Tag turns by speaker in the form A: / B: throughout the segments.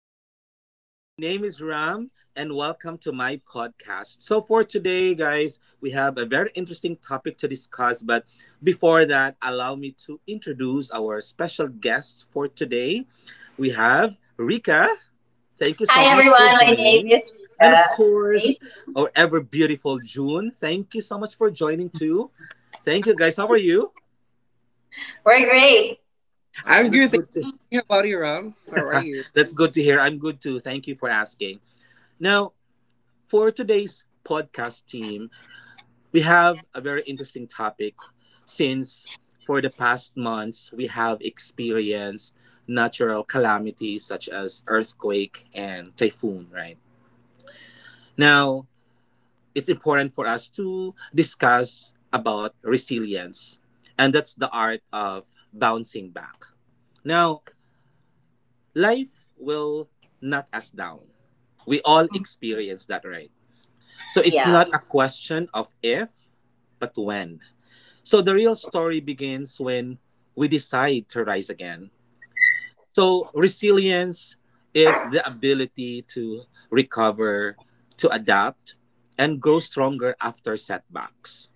A: everyone. My name is Ram, and welcome to my podcast. So, for today, guys, we have a very interesting topic to discuss. But before that, allow me to introduce our special guest for today. We have Rika. Thank you
B: Hi
A: so much for
B: everyone, my name
A: joining.
B: is
A: And of
B: Rita.
A: course,
B: Thank you.
A: our ever beautiful June. Thank you so much for joining too. Thank you, guys. How are you?
B: We're great.
A: All right,
C: I'm
A: that's
C: good. Thank
A: good to
C: you. How about you, Ram? How are you?
A: That's good to hear. I'm good too. Thank you for asking. Now, for today's podcast team, we have a very interesting topic since for the past months we have experienced natural calamities such as earthquake and typhoon, right? Now, it's important for us to discuss about resilience, and that's the art of bouncing back. Now, life will knock us down. We all experience that, right? So it's
B: Yeah,
A: not a question of if, but when. So the real story begins when we decide to rise again. So resilience is the ability to recover, to adapt, and grow stronger after setbacks.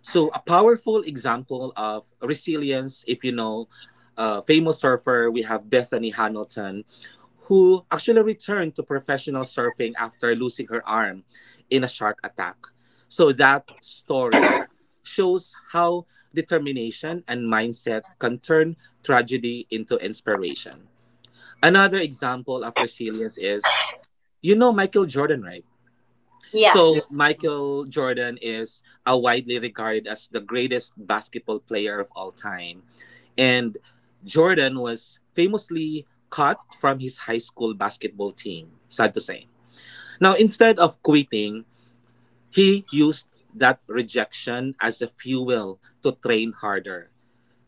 A: So a powerful example of resilience, if you know, famous surfer, we have Bethany Hamilton, who actually returned to professional surfing after losing her arm in a shark attack. So that story shows how determination and mindset can turn tragedy into inspiration. Another example of resilience is, you know, Michael Jordan, right?
B: yeah.
C: Yeah.
A: So Michael Jordan is a widely regarded as the greatest basketball player of all time. And Jordan was famously cut from his high school basketball team, sad to say. Now instead of quitting, he used that rejection as a fuel to train harder.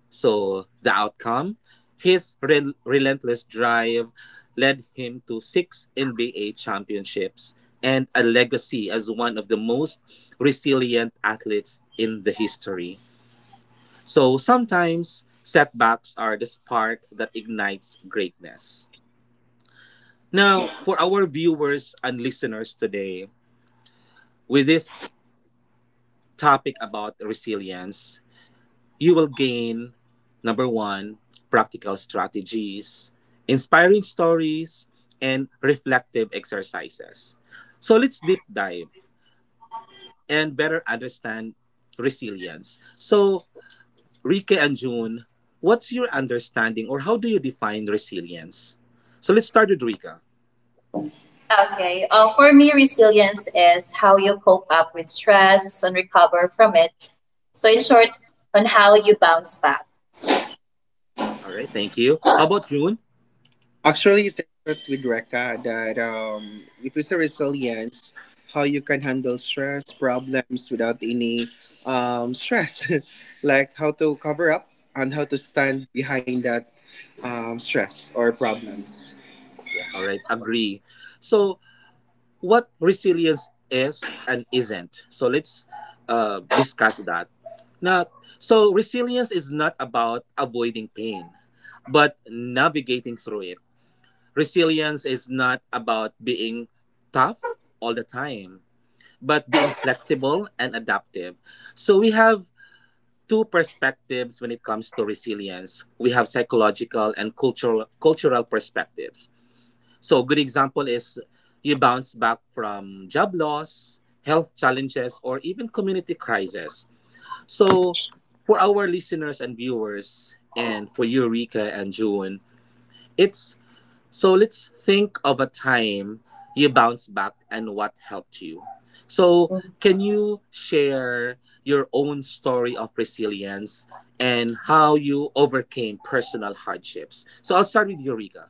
A: So, the outcome? His relentless drive led him to six NBA championships and a legacy as one of the most resilient athletes in the history. So, sometimes setbacks are the spark that ignites greatness. Now, for our viewers and listeners today, with this topic about resilience, you will gain number one, practical strategies, inspiring stories, and reflective exercises. So let's deep dive and better understand resilience. So, Rike and June, what's your understanding or how do you define resilience? So let's start with Rika.
B: Okay. For me, resilience is how you cope up with stress and recover from it. So, in short, on how you bounce back.
A: All right, thank you. How about June?
C: Actually, it's talked with Reka that if it's a resilience, how you can handle stress problems without any stress, like how to cover up and how to stand behind that stress or problems.
A: All right, agree. So what resilience is and isn't. So let's discuss that. Now, so resilience is not about avoiding pain, but navigating through it. Resilience is not about being tough all the time, but being flexible and adaptive. So we have two perspectives when it comes to resilience. We have psychological and cultural perspectives. So a good example is you bounce back from job loss, health challenges, or even community crisis. So for our listeners and viewers, and for you, Rika and June, it's so let's think of a time you bounce back and what helped you. So
B: Mhm.
A: can you share your own story of resilience and how you overcame personal hardships? So I'll start with you, Rika.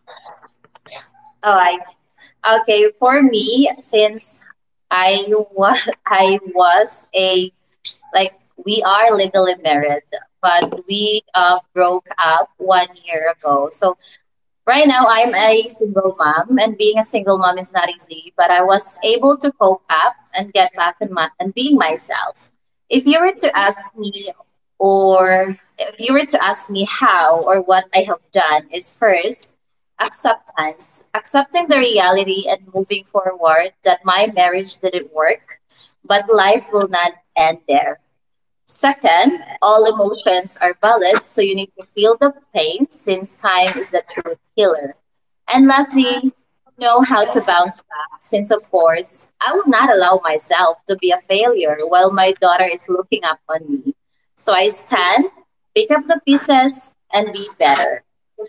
B: All right. Okay. For me, since I was I was a like we are legally married, but we broke up 1 year ago. So right now, I am a single mom, and being a single mom is not easy, but I was able to cope up and get back and being myself. If you were to ask me, or if you were to ask me how or what I have done, is first acceptance, accepting the reality and moving forward that my marriage didn't work, but life will not end there. Second, all emotions are valid, so you need to feel the pain since time is the truth healer. And lastly, know how to bounce back since, of course, I will not allow myself to be a failure while my daughter is looking up on me. So I stand, pick up the pieces, and be better.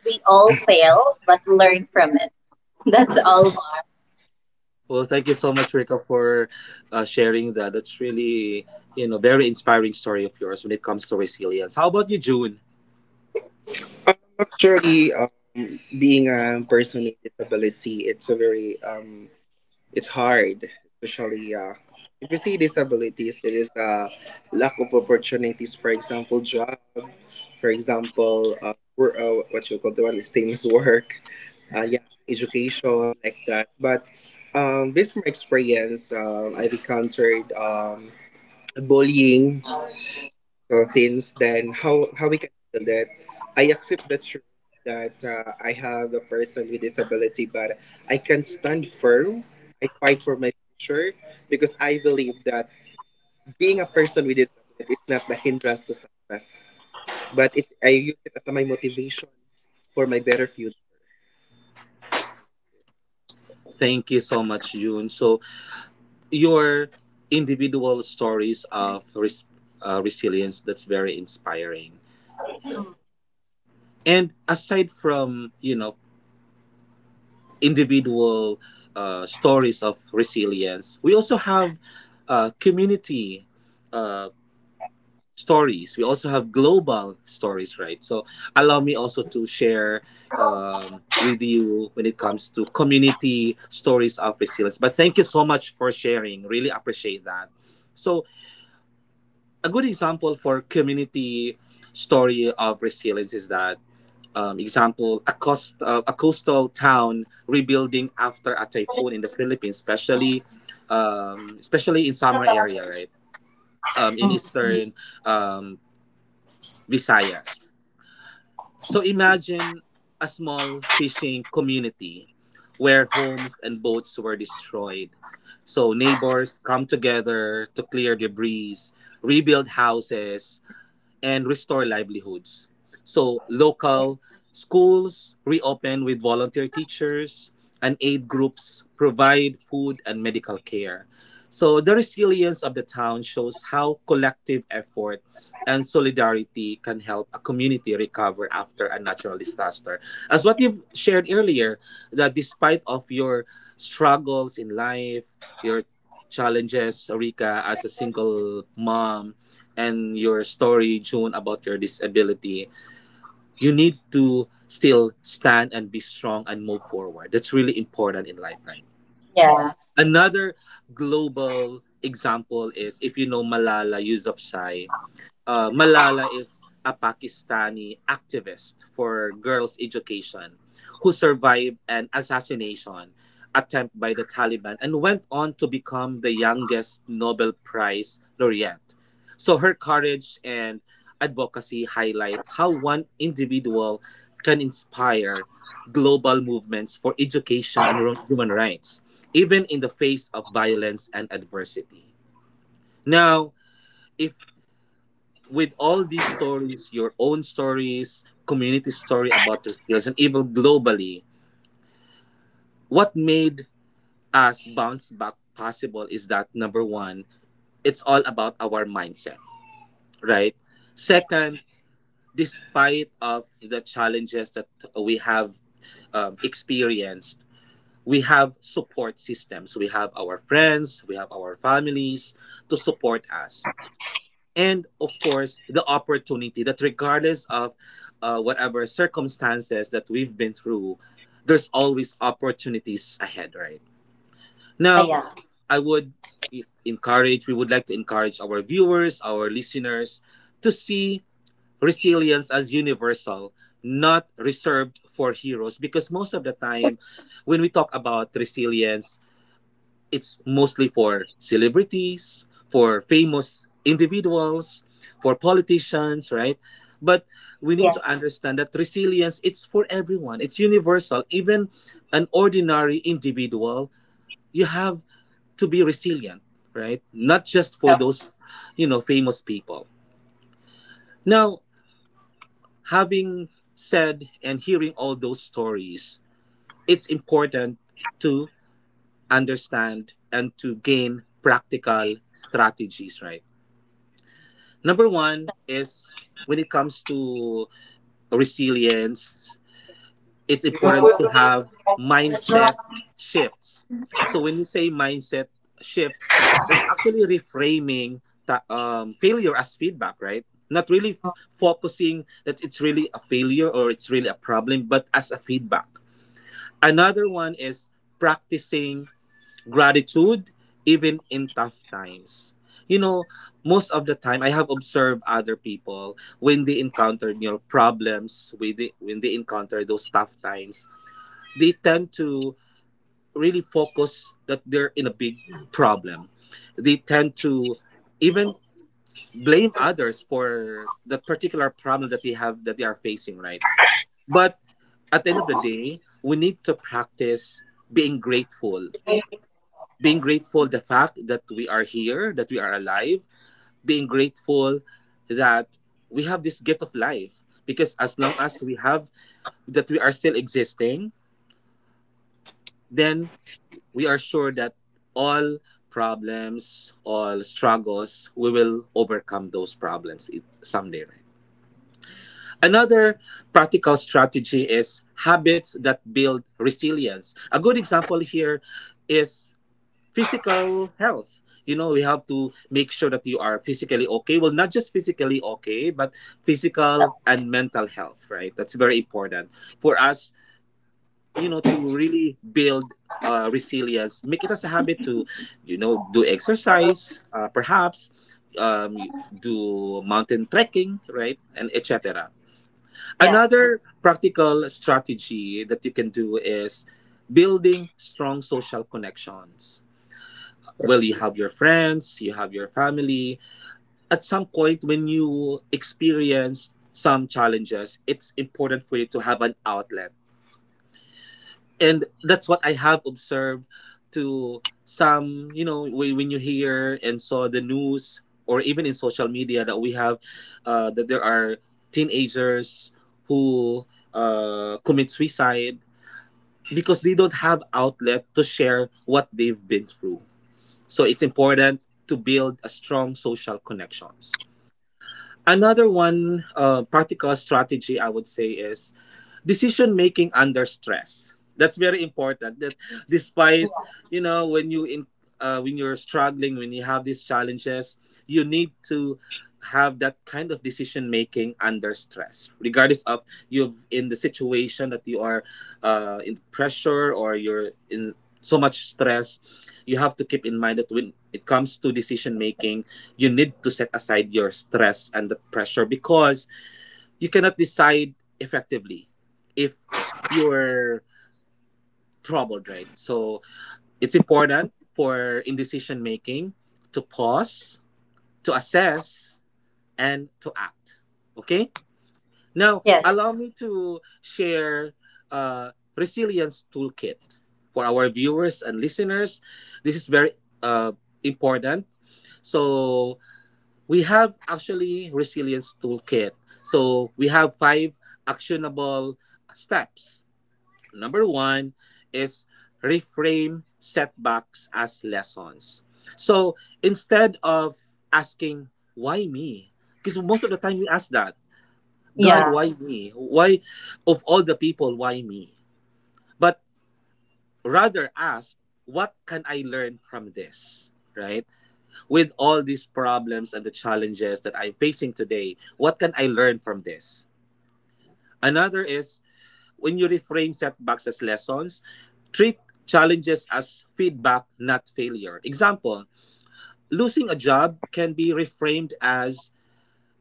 B: We all fail, but learn from it. That's all.
A: Well, thank you so much, Rika, for sharing that. That's really, you know, very inspiring story of yours when it comes to resilience. How about you, June?
C: Actually, being a person with disability, it's a very it's hard, especially if you see disabilities, there is a lack of opportunities. For example, job. For example, what you call the one like, same as work. Yeah, education like that. But based on my experience, I've encountered bullying so since then, how we can handle that? I accept the truth that I have a person with disability, but I can stand firm. I fight for my future because I believe that being a person with disability is not the hindrance to success, but it, I use it as my motivation for my better future.
A: Thank you so much, June. So your individual stories of resilience that's very inspiring.
B: Mm,
A: And aside from you know individual stories of resilience, we also have community uh, stories. We also have global stories, right? So allow me also to share with you when it comes to community stories of resilience. But thank you so much for sharing. Really appreciate that. So a good example for community story of resilience is that example a coast a coastal town rebuilding after a typhoon in the Philippines, especially especially in summer area, right? In
B: mm,
A: eastern um, Visayas. So imagine a small fishing community where homes and boats were destroyed. So neighbors come together to clear debris, rebuild houses, and restore livelihoods. So, local schools reopen with volunteer teachers and aid groups provide food and medical care. So, the resilience of the town shows how collective effort and solidarity can help a community recover after a natural disaster. As what you've shared earlier, that despite of your struggles in life, your challenges, Rika, as a single mom, and your story, June, about your disability, you need to still stand and be strong and move forward. That's really important in life, right?
B: yeah. Yeah.
A: Another global example is if you know Malala Yousafzai. Malala is a Pakistani activist for girls' education who survived an assassination attempt by the Taliban and went on to become the youngest Nobel Prize laureate. So her courage and advocacy highlight how one individual can inspire global movements for education and human rights, even in the face of violence and adversity. Now, if with all these stories, your own stories, community story about your feelings, and even globally, what made us bounce back possible is that number one, it's all about our mindset, right? Second, despite of the challenges that we have experienced, we have support systems. We have our friends, we have our families to support us. And of course the opportunity that regardless of whatever circumstances that we've been through, there's always opportunities ahead right
B: Ah,
A: now.
B: yeah.
A: I would encourage, we would like to encourage our viewers, our listeners to see resilience as universal, not reserved for heroes, because most of the time when we talk about resilience it's mostly for celebrities, for famous individuals, for politicians, right? But we
B: Yes.
A: need to understand that resilience it's for everyone. It's universal. Even an ordinary individual, you have to be resilient, right? Not just
B: No,
A: for those, you know, famous people. Now, having said and hearing all those stories, it's important to understand and to gain practical strategies, right? Number one is when it comes to resilience, it's important to have mindset shifts. So when you say mindset shifts, it's actually reframing the failure as feedback, right? Not really focusing that it's really a failure or it's really a problem, but as a feedback. Another one is practicing gratitude even in tough times. You know, most of the time I have observed other people when they encounter you know problems, when they encounter those tough times, they tend to really focus that they're in a big problem. They tend to even blame others for that particular problem that they have that they are facing, right? But at the end of the day, we need to practice being grateful, being grateful the fact that we are here, that we are alive, being grateful that we have this gift of life, because as long as we have that, we are still existing, then we are sure that all problems, all struggles, we will overcome those problems someday, right? Another practical strategy is habits that build resilience. A good example here is physical health. You know, we have to make sure that you are physically okay. Well, not just physically okay, but physical and mental health, right? That's very important for us, you know, to really build resilience. Make it as a habit to, you know, do exercise, perhaps um, do mountain trekking, right? And etc.
B: yeah.
A: Another practical strategy that you can do is building strong social connections. Well, you have your friends, you have your family. At some point when you experience some challenges, it's important for you to have an outlet, and that's what I have observed to some, you know, when you hear and saw the news or even in social media that we have that there are teenagers who commit suicide because they don't have outlet to share what they've been through. So it's important to build a strong social connections. Another one, practical strategy I would say is decision making under stress. That's very important. That despite, you know, when you're struggling, when you have these challenges, you need to have that kind of decision making under stress regardless of you've in the situation that you are in pressure or you're in so much stress. You have to keep in mind that when it comes to decision making, you need to set aside your stress and the pressure, because you cannot decide effectively if you're troubled, right? So it's important for in decision making to pause, to assess, and to act. Okay? Now,
B: Yes.
A: allow me to share a resilience toolkit for our viewers and listeners. This is very uh, important. So we have actually resilience toolkit. So we have five actionable steps. Number one is reframe setbacks as lessons. So instead of asking why me, because most of the time we ask that,
B: Yeah.
A: God, why me? Why of all the people, why me? But rather ask what can I learn from this, right? With all these problems and the challenges that I'm facing today, what can I learn from this? Another is when you reframe setbacks as lessons, treat challenges as feedback, not failure. Example, losing a job can be reframed as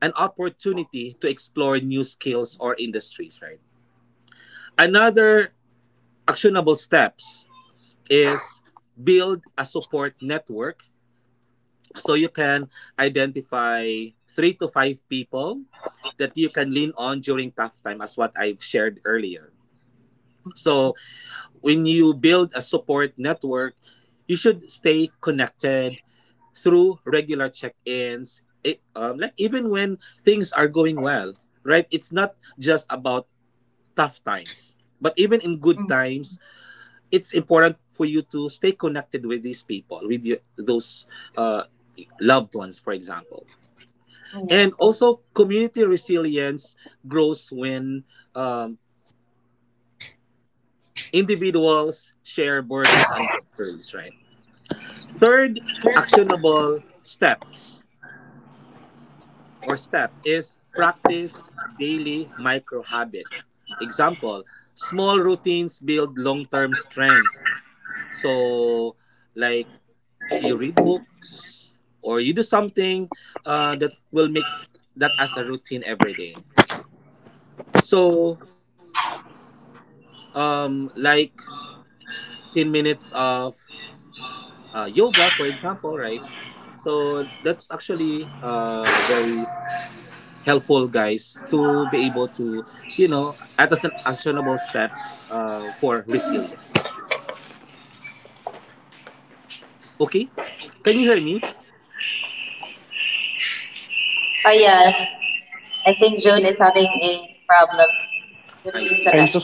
A: an opportunity to explore new skills or industries, right? Another actionable steps is build a support network. So you can identify 3 to 5 people that you can lean on during tough time as what I've shared earlier. So when you build a support network, you should stay connected through regular check-ins. It, like Even when things are going well, right? It's not just about tough times, but even in good
B: Mm,
A: times, it's important for you to stay connected with these people, with those uh, loved ones, for example.
B: yeah.
A: And also community resilience grows when um, individuals share burdens and victories, right? Third actionable steps or step is practice daily micro habits. Example, small routines build long-term strength. So like you read books or you do something that will make that as a routine every day. So um like 10 minutes of yoga, for example, right? So that's actually very helpful, guys, to be able to, you know, at an actionable step for resilience. Okay? Can you hear me?
B: Yeah, I think June is having a problem with
A: I
B: his
A: see.
B: connection.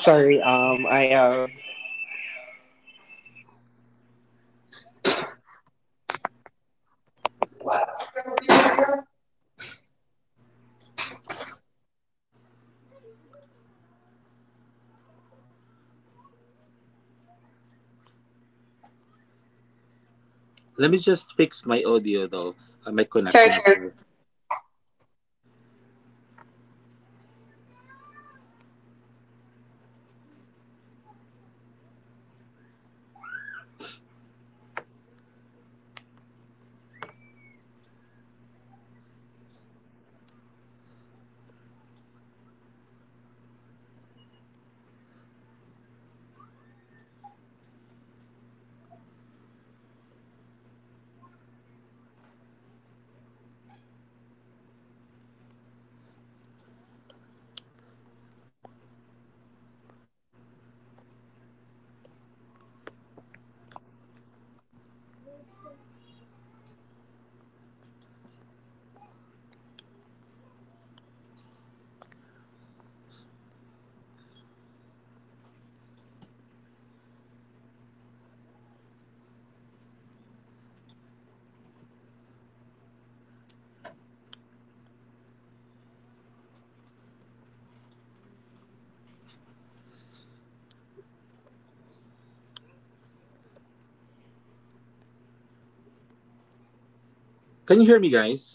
A: Let me just fix my audio though, my
B: Sure,
A: connection as
B: sure.
A: well. Can you hear me, guys?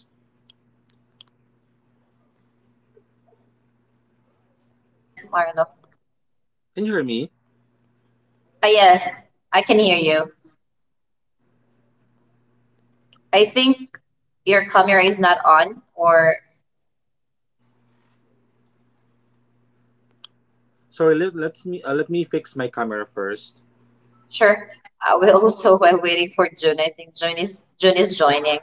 B: Yes, Marlo.
A: Can you hear me?
B: Ah yes, I can hear you. I think your camera is not on, or
A: Sorry, let me fix my camera first.
B: sure. We also while waiting for June. I think June is joining.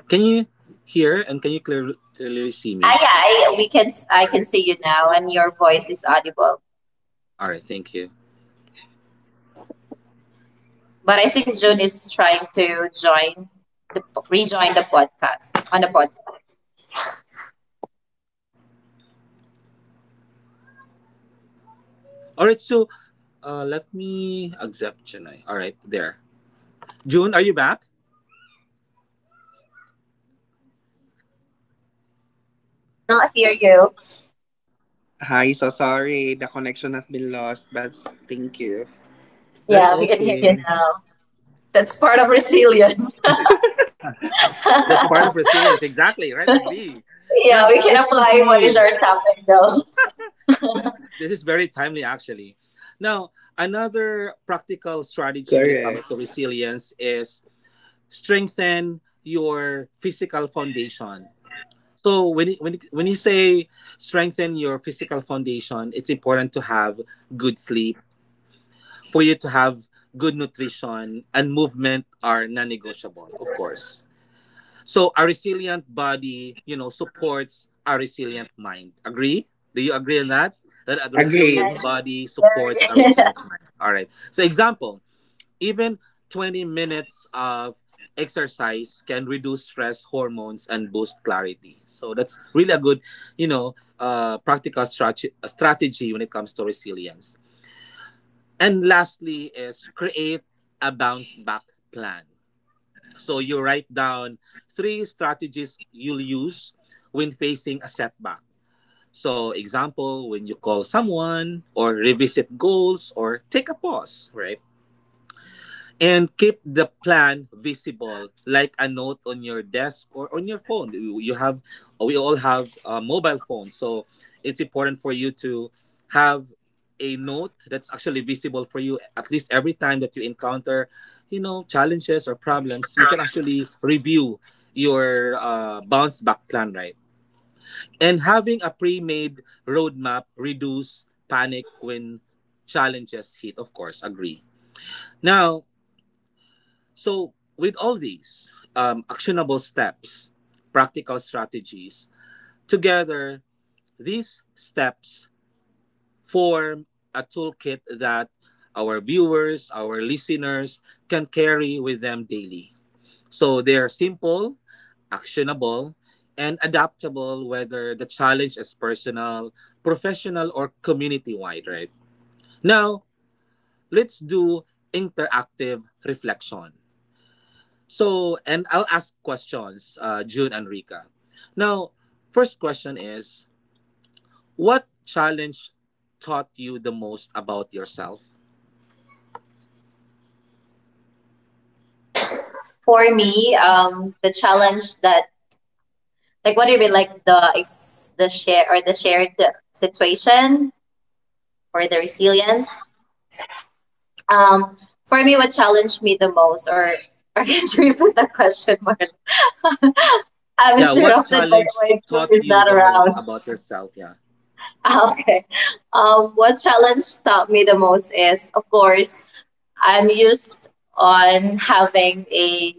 A: Can you hear and can you clearly see
B: Ah,
A: me?
B: yeah, we can. I
A: All right.
B: can see you now, and your voice is audible.
A: All right. Thank you.
B: But I think June is trying to join the rejoin the podcast on the pod.
A: All right, so let me accept Chennai. All right, there. June, are you back?
D: I'm here. Can you hear me?
B: We cannot hear you.
D: Hi, so sorry. The connection has been lost, but thank you.
A: That's
B: Yeah, we can hear you
A: okay.
B: now. That's part of resilience.
A: That's part
B: Yeah,
A: of resilience, exactly. Right, agree. Now
B: we can
A: let's
B: apply what is
A: continue.
B: our topic though.
A: This is very timely, actually. Now
D: Correct.
A: another practical strategy when it comes to resilience is strengthen your physical foundation. So when you say strengthen your physical foundation, it's important to have good sleep, for you to have good nutrition, and movement are non-negotiable, of course. So a resilient body, you know, supports a resilient mind, agree? Do you agree on that, that a resilient
B: Yeah.
D: Agree.
A: body supports a
B: Very-
A: resilient mind? All right, so example, even 20 minutes of exercise can reduce stress hormones and boost clarity. So that's really a good, you know, strategy when it comes to resilience. And lastly is create a bounce back plan. So you write down three strategies you'll use when facing a setback. So example, when you call someone or revisit goals or take a pause, right? And keep the plan visible, like a note on your desk or on your phone. You have, we all have mobile phones, so it's important for you to have a note that's actually visible for you. At least every time that you encounter, you know, challenges or problems, you can actually review your bounce back plan, right? And having a pre-made roadmap reduce panic when challenges hit. Of course, agree. Now, so, with all these actionable steps, practical strategies, together, these steps form a toolkit that our viewers, our listeners can carry with them daily. So, they are simple, actionable, and adaptable whether the challenge is personal, professional, or community wide, right? Now, let's do interactive reflection. So, and I'll ask questions, June and Rika. Now, first question is, what challenge taught you the most about yourself?
B: For me, the challenge that, like, what do you mean, like the the share or the shared situation for the resilience? Um, for me, what challenged me the most, or can you repeat the question, Marla? I'm
A: Yeah, what
B: interrupted by
A: challenge
B: the way food
A: taught
B: is
A: you
B: not
A: the most
B: around.
A: about yourself? Yeah,
B: Okay. What challenge taught me the most is, of course, I'm used on having a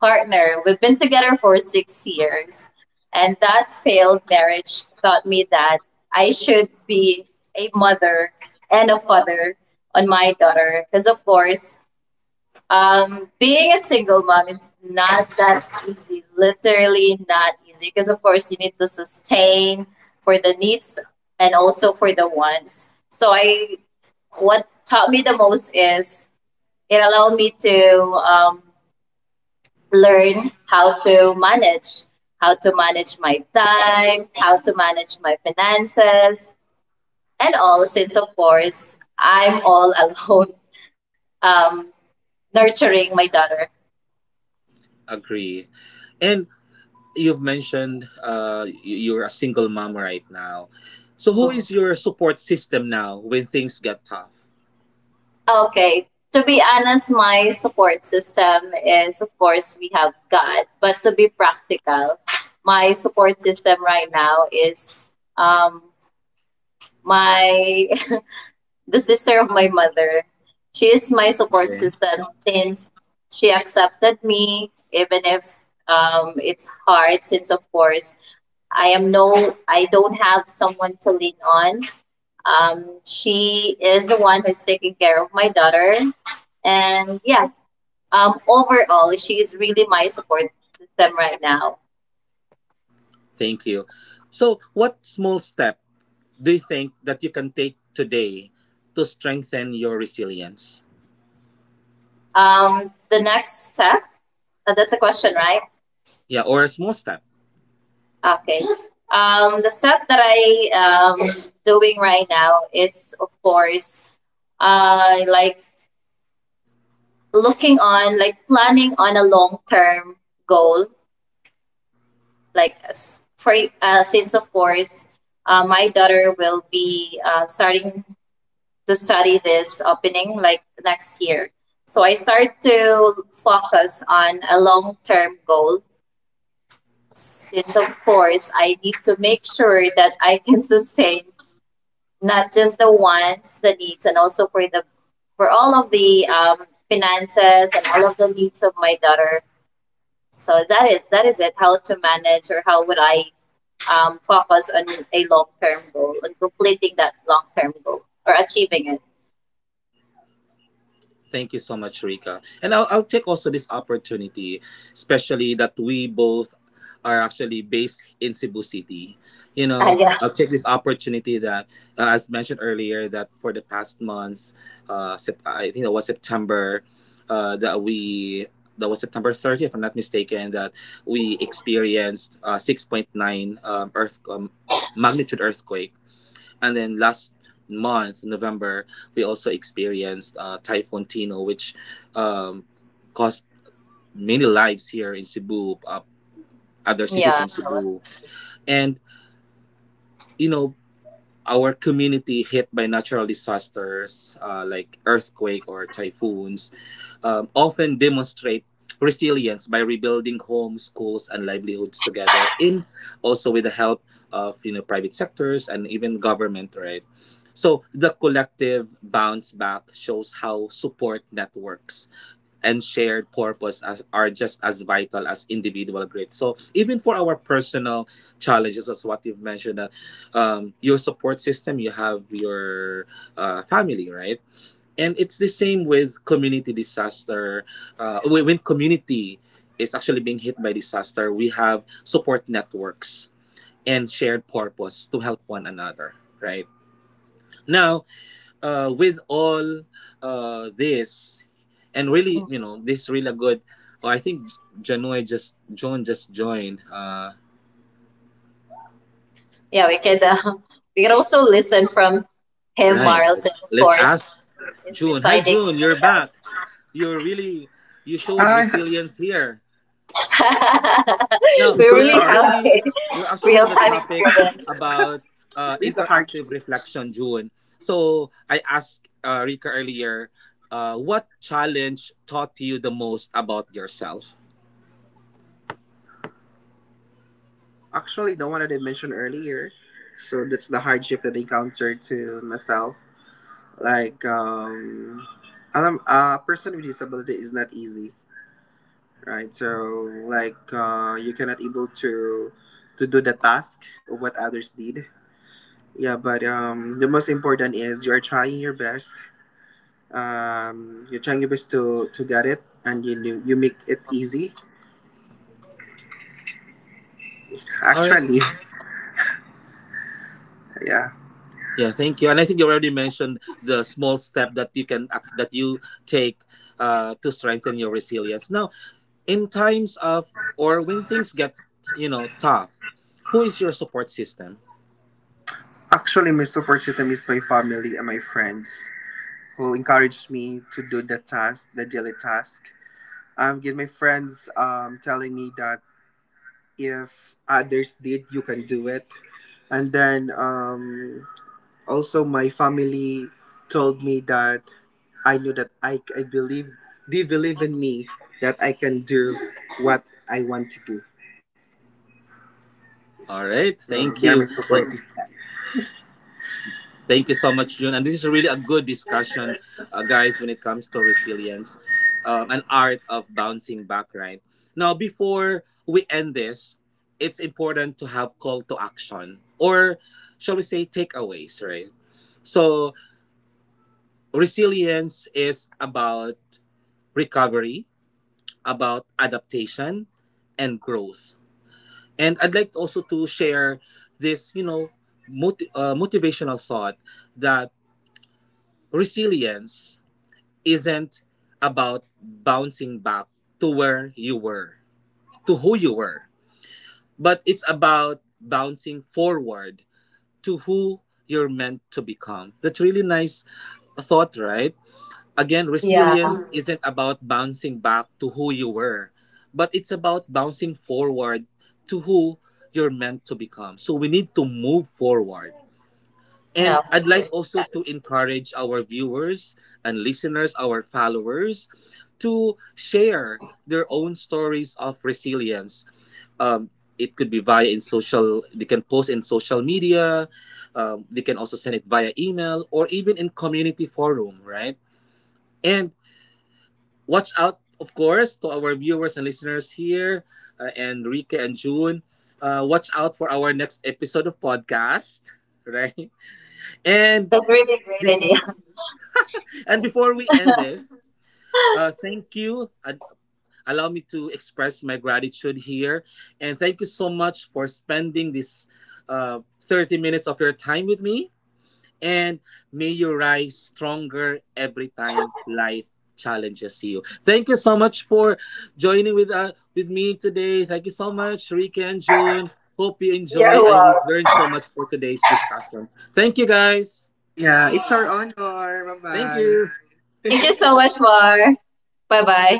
B: partner. We've been together for 6 years, and that failed marriage taught me that I should be a mother and a father on my daughter. Because of course, being a single mom is not that easy. Literally not easy. Because of course, you need to sustain for the needs and also for the wants. So what taught me the most is it allowed me to learn how to manage my time, how to manage my finances, and all, since of course I'm all alone, um, nurturing my daughter.
A: agree. And you've mentioned you're a single mom right now. So, who is your support system now when things get tough?
B: Okay, to be honest, my support system is of course we have God, but to be practical, my support system right now is my the sister of my mother. She is my support
A: Okay.
B: system since she accepted me, even if it's hard. Since of course I am no, I don't have someone to lean on. She is the one who's taking care of my daughter, and yeah, overall she is really my support system right now.
A: Thank you. So, what small step do you think that you can take today to strengthen your resilience?
B: The next step, that's a question, right?
A: Yeah, or a small step.
B: Okay. The stuff that I doing right now is of course uh like looking on, like, planning on a long term goal, like as for since of course my daughter will be starting to study this opening like next year. So I start to focus on a long term goal since of course I need to make sure that I can sustain not just the wants, the needs, and also for all of the finances and all of the needs of my daughter. So that is it. How to manage, or how would I focus on a long term goal on completing that long term goal or achieving it?
A: Thank you so much, Rika. And I'll take also this opportunity, especially that we both are actually based in Cebu City. You
B: Ah,
A: know,
B: yeah,
A: I'll take this opportunity that, as mentioned earlier, that for the past months, I think that was September, uh, that we that was September 30th, if I'm not mistaken, that we experienced 6.9 earth magnitude earthquake, and then last month, November, we also experienced Typhoon Tino, which um, cost many lives here in Cebu, other cities
B: yeah,
A: in Cebu. And, you know, our community hit by natural disasters, like earthquake or typhoons, often demonstrate resilience by rebuilding homes, schools, and livelihoods together, in also with the help of, you know, private sectors and even government, right? So the collective bounce back shows how support networks and shared purpose are just as vital as individual grit. So even for our personal challenges, as what you've mentioned, your support system, you have your family, right? And it's the same with community disaster. When when community is actually being hit by disaster, we have support networks and shared purpose to help one another, right? Now, with all this, and really, you know, this is really a good. Oh, I think Janoy just Joan just joined.
B: yeah. We could we could also listen from him,
A: Right.
B: Marl,
A: Let's
B: of
A: let's
B: course
A: ask
B: is
A: June. Hi,
B: residing
A: June. You're
B: in
A: back. You're really, you showed
E: Hi, I'm so
A: resilience
E: sorry.
A: here.
B: Mindanao.
A: Now
B: We really have a
A: we're actually
B: real
A: on
E: Is
A: the
B: time
E: this the
A: topic
B: experience.
E: hardships?
A: about interactive reflection, June. So I asked Rika earlier, what challenge taught you the most about yourself?
E: Actually, the one that I mentioned earlier. So that's the hardship that I encountered to myself. Like, alam, a person with disability is not easy, right? So, like, you cannot able to do the task of what others did. Yeah, but the most important is you are trying your best. You're trying your best to get it, and you make it easy.
A: All right.
E: Actually, yeah.
A: Yeah, thank you. And I think you already mentioned the small step that you that you take to strengthen your resilience. Now, in times of, or when things get, you know, tough, who is your support system?
E: Actually, my support system is my family and my friends who encouraged me to do the task, the daily task. Get my friends telling me that if others did, you can do it. And then also my family told me that I knew that I believe, they believe in me that I can do what I want to do.
A: All right,
E: So
A: thank
E: they are
A: you.
E: my
A: Well,
E: support system.
A: thank you so much, June. And this is really a good discussion, guys, when it comes to resilience, an art of bouncing back. Right now, before we end this, it's important to have call to action, or shall we say takeaways, right? So resilience is about recovery, about adaptation and growth. And I'd like also to share this, you know, motivational thought that resilience isn't about bouncing back to where you were, to who you were, but it's about bouncing forward to who you're meant to become. That's really nice thought, right? Again,
B: Yeah.
A: resilience Mm. isn't about bouncing back to who you were, but it's about bouncing forward to who you're meant to become. So we need to move forward.
B: No,
A: And
B: of
A: I'd like
B: course.
A: also
B: Yeah.
A: to encourage our viewers and listeners, our followers, to share their own stories of resilience. It could be via in social, they can post in social media, they can also send it via email or even in community forum, right? And watch out, of course, to our viewers and listeners here, and Rika and June. Watch out for our next episode of podcast, right? And
B: That's a really
A: be-
B: great idea.
A: and before we end this, thank you. Allow me to express my gratitude here, and thank you so much for spending this 30 minutes of your time with me. And may you rise stronger every time life challenges you. Thank you so much for joining with me today. Thank you so much, Ricky and June. Hope you
B: You're
A: enjoy and you learned
B: welcome.
A: so much for today's discussion. Thank you guys.
E: Yeah, it's our honor.
A: Thank you.
E: Bye-bye.
B: Thank you so much, Mar. Bye bye.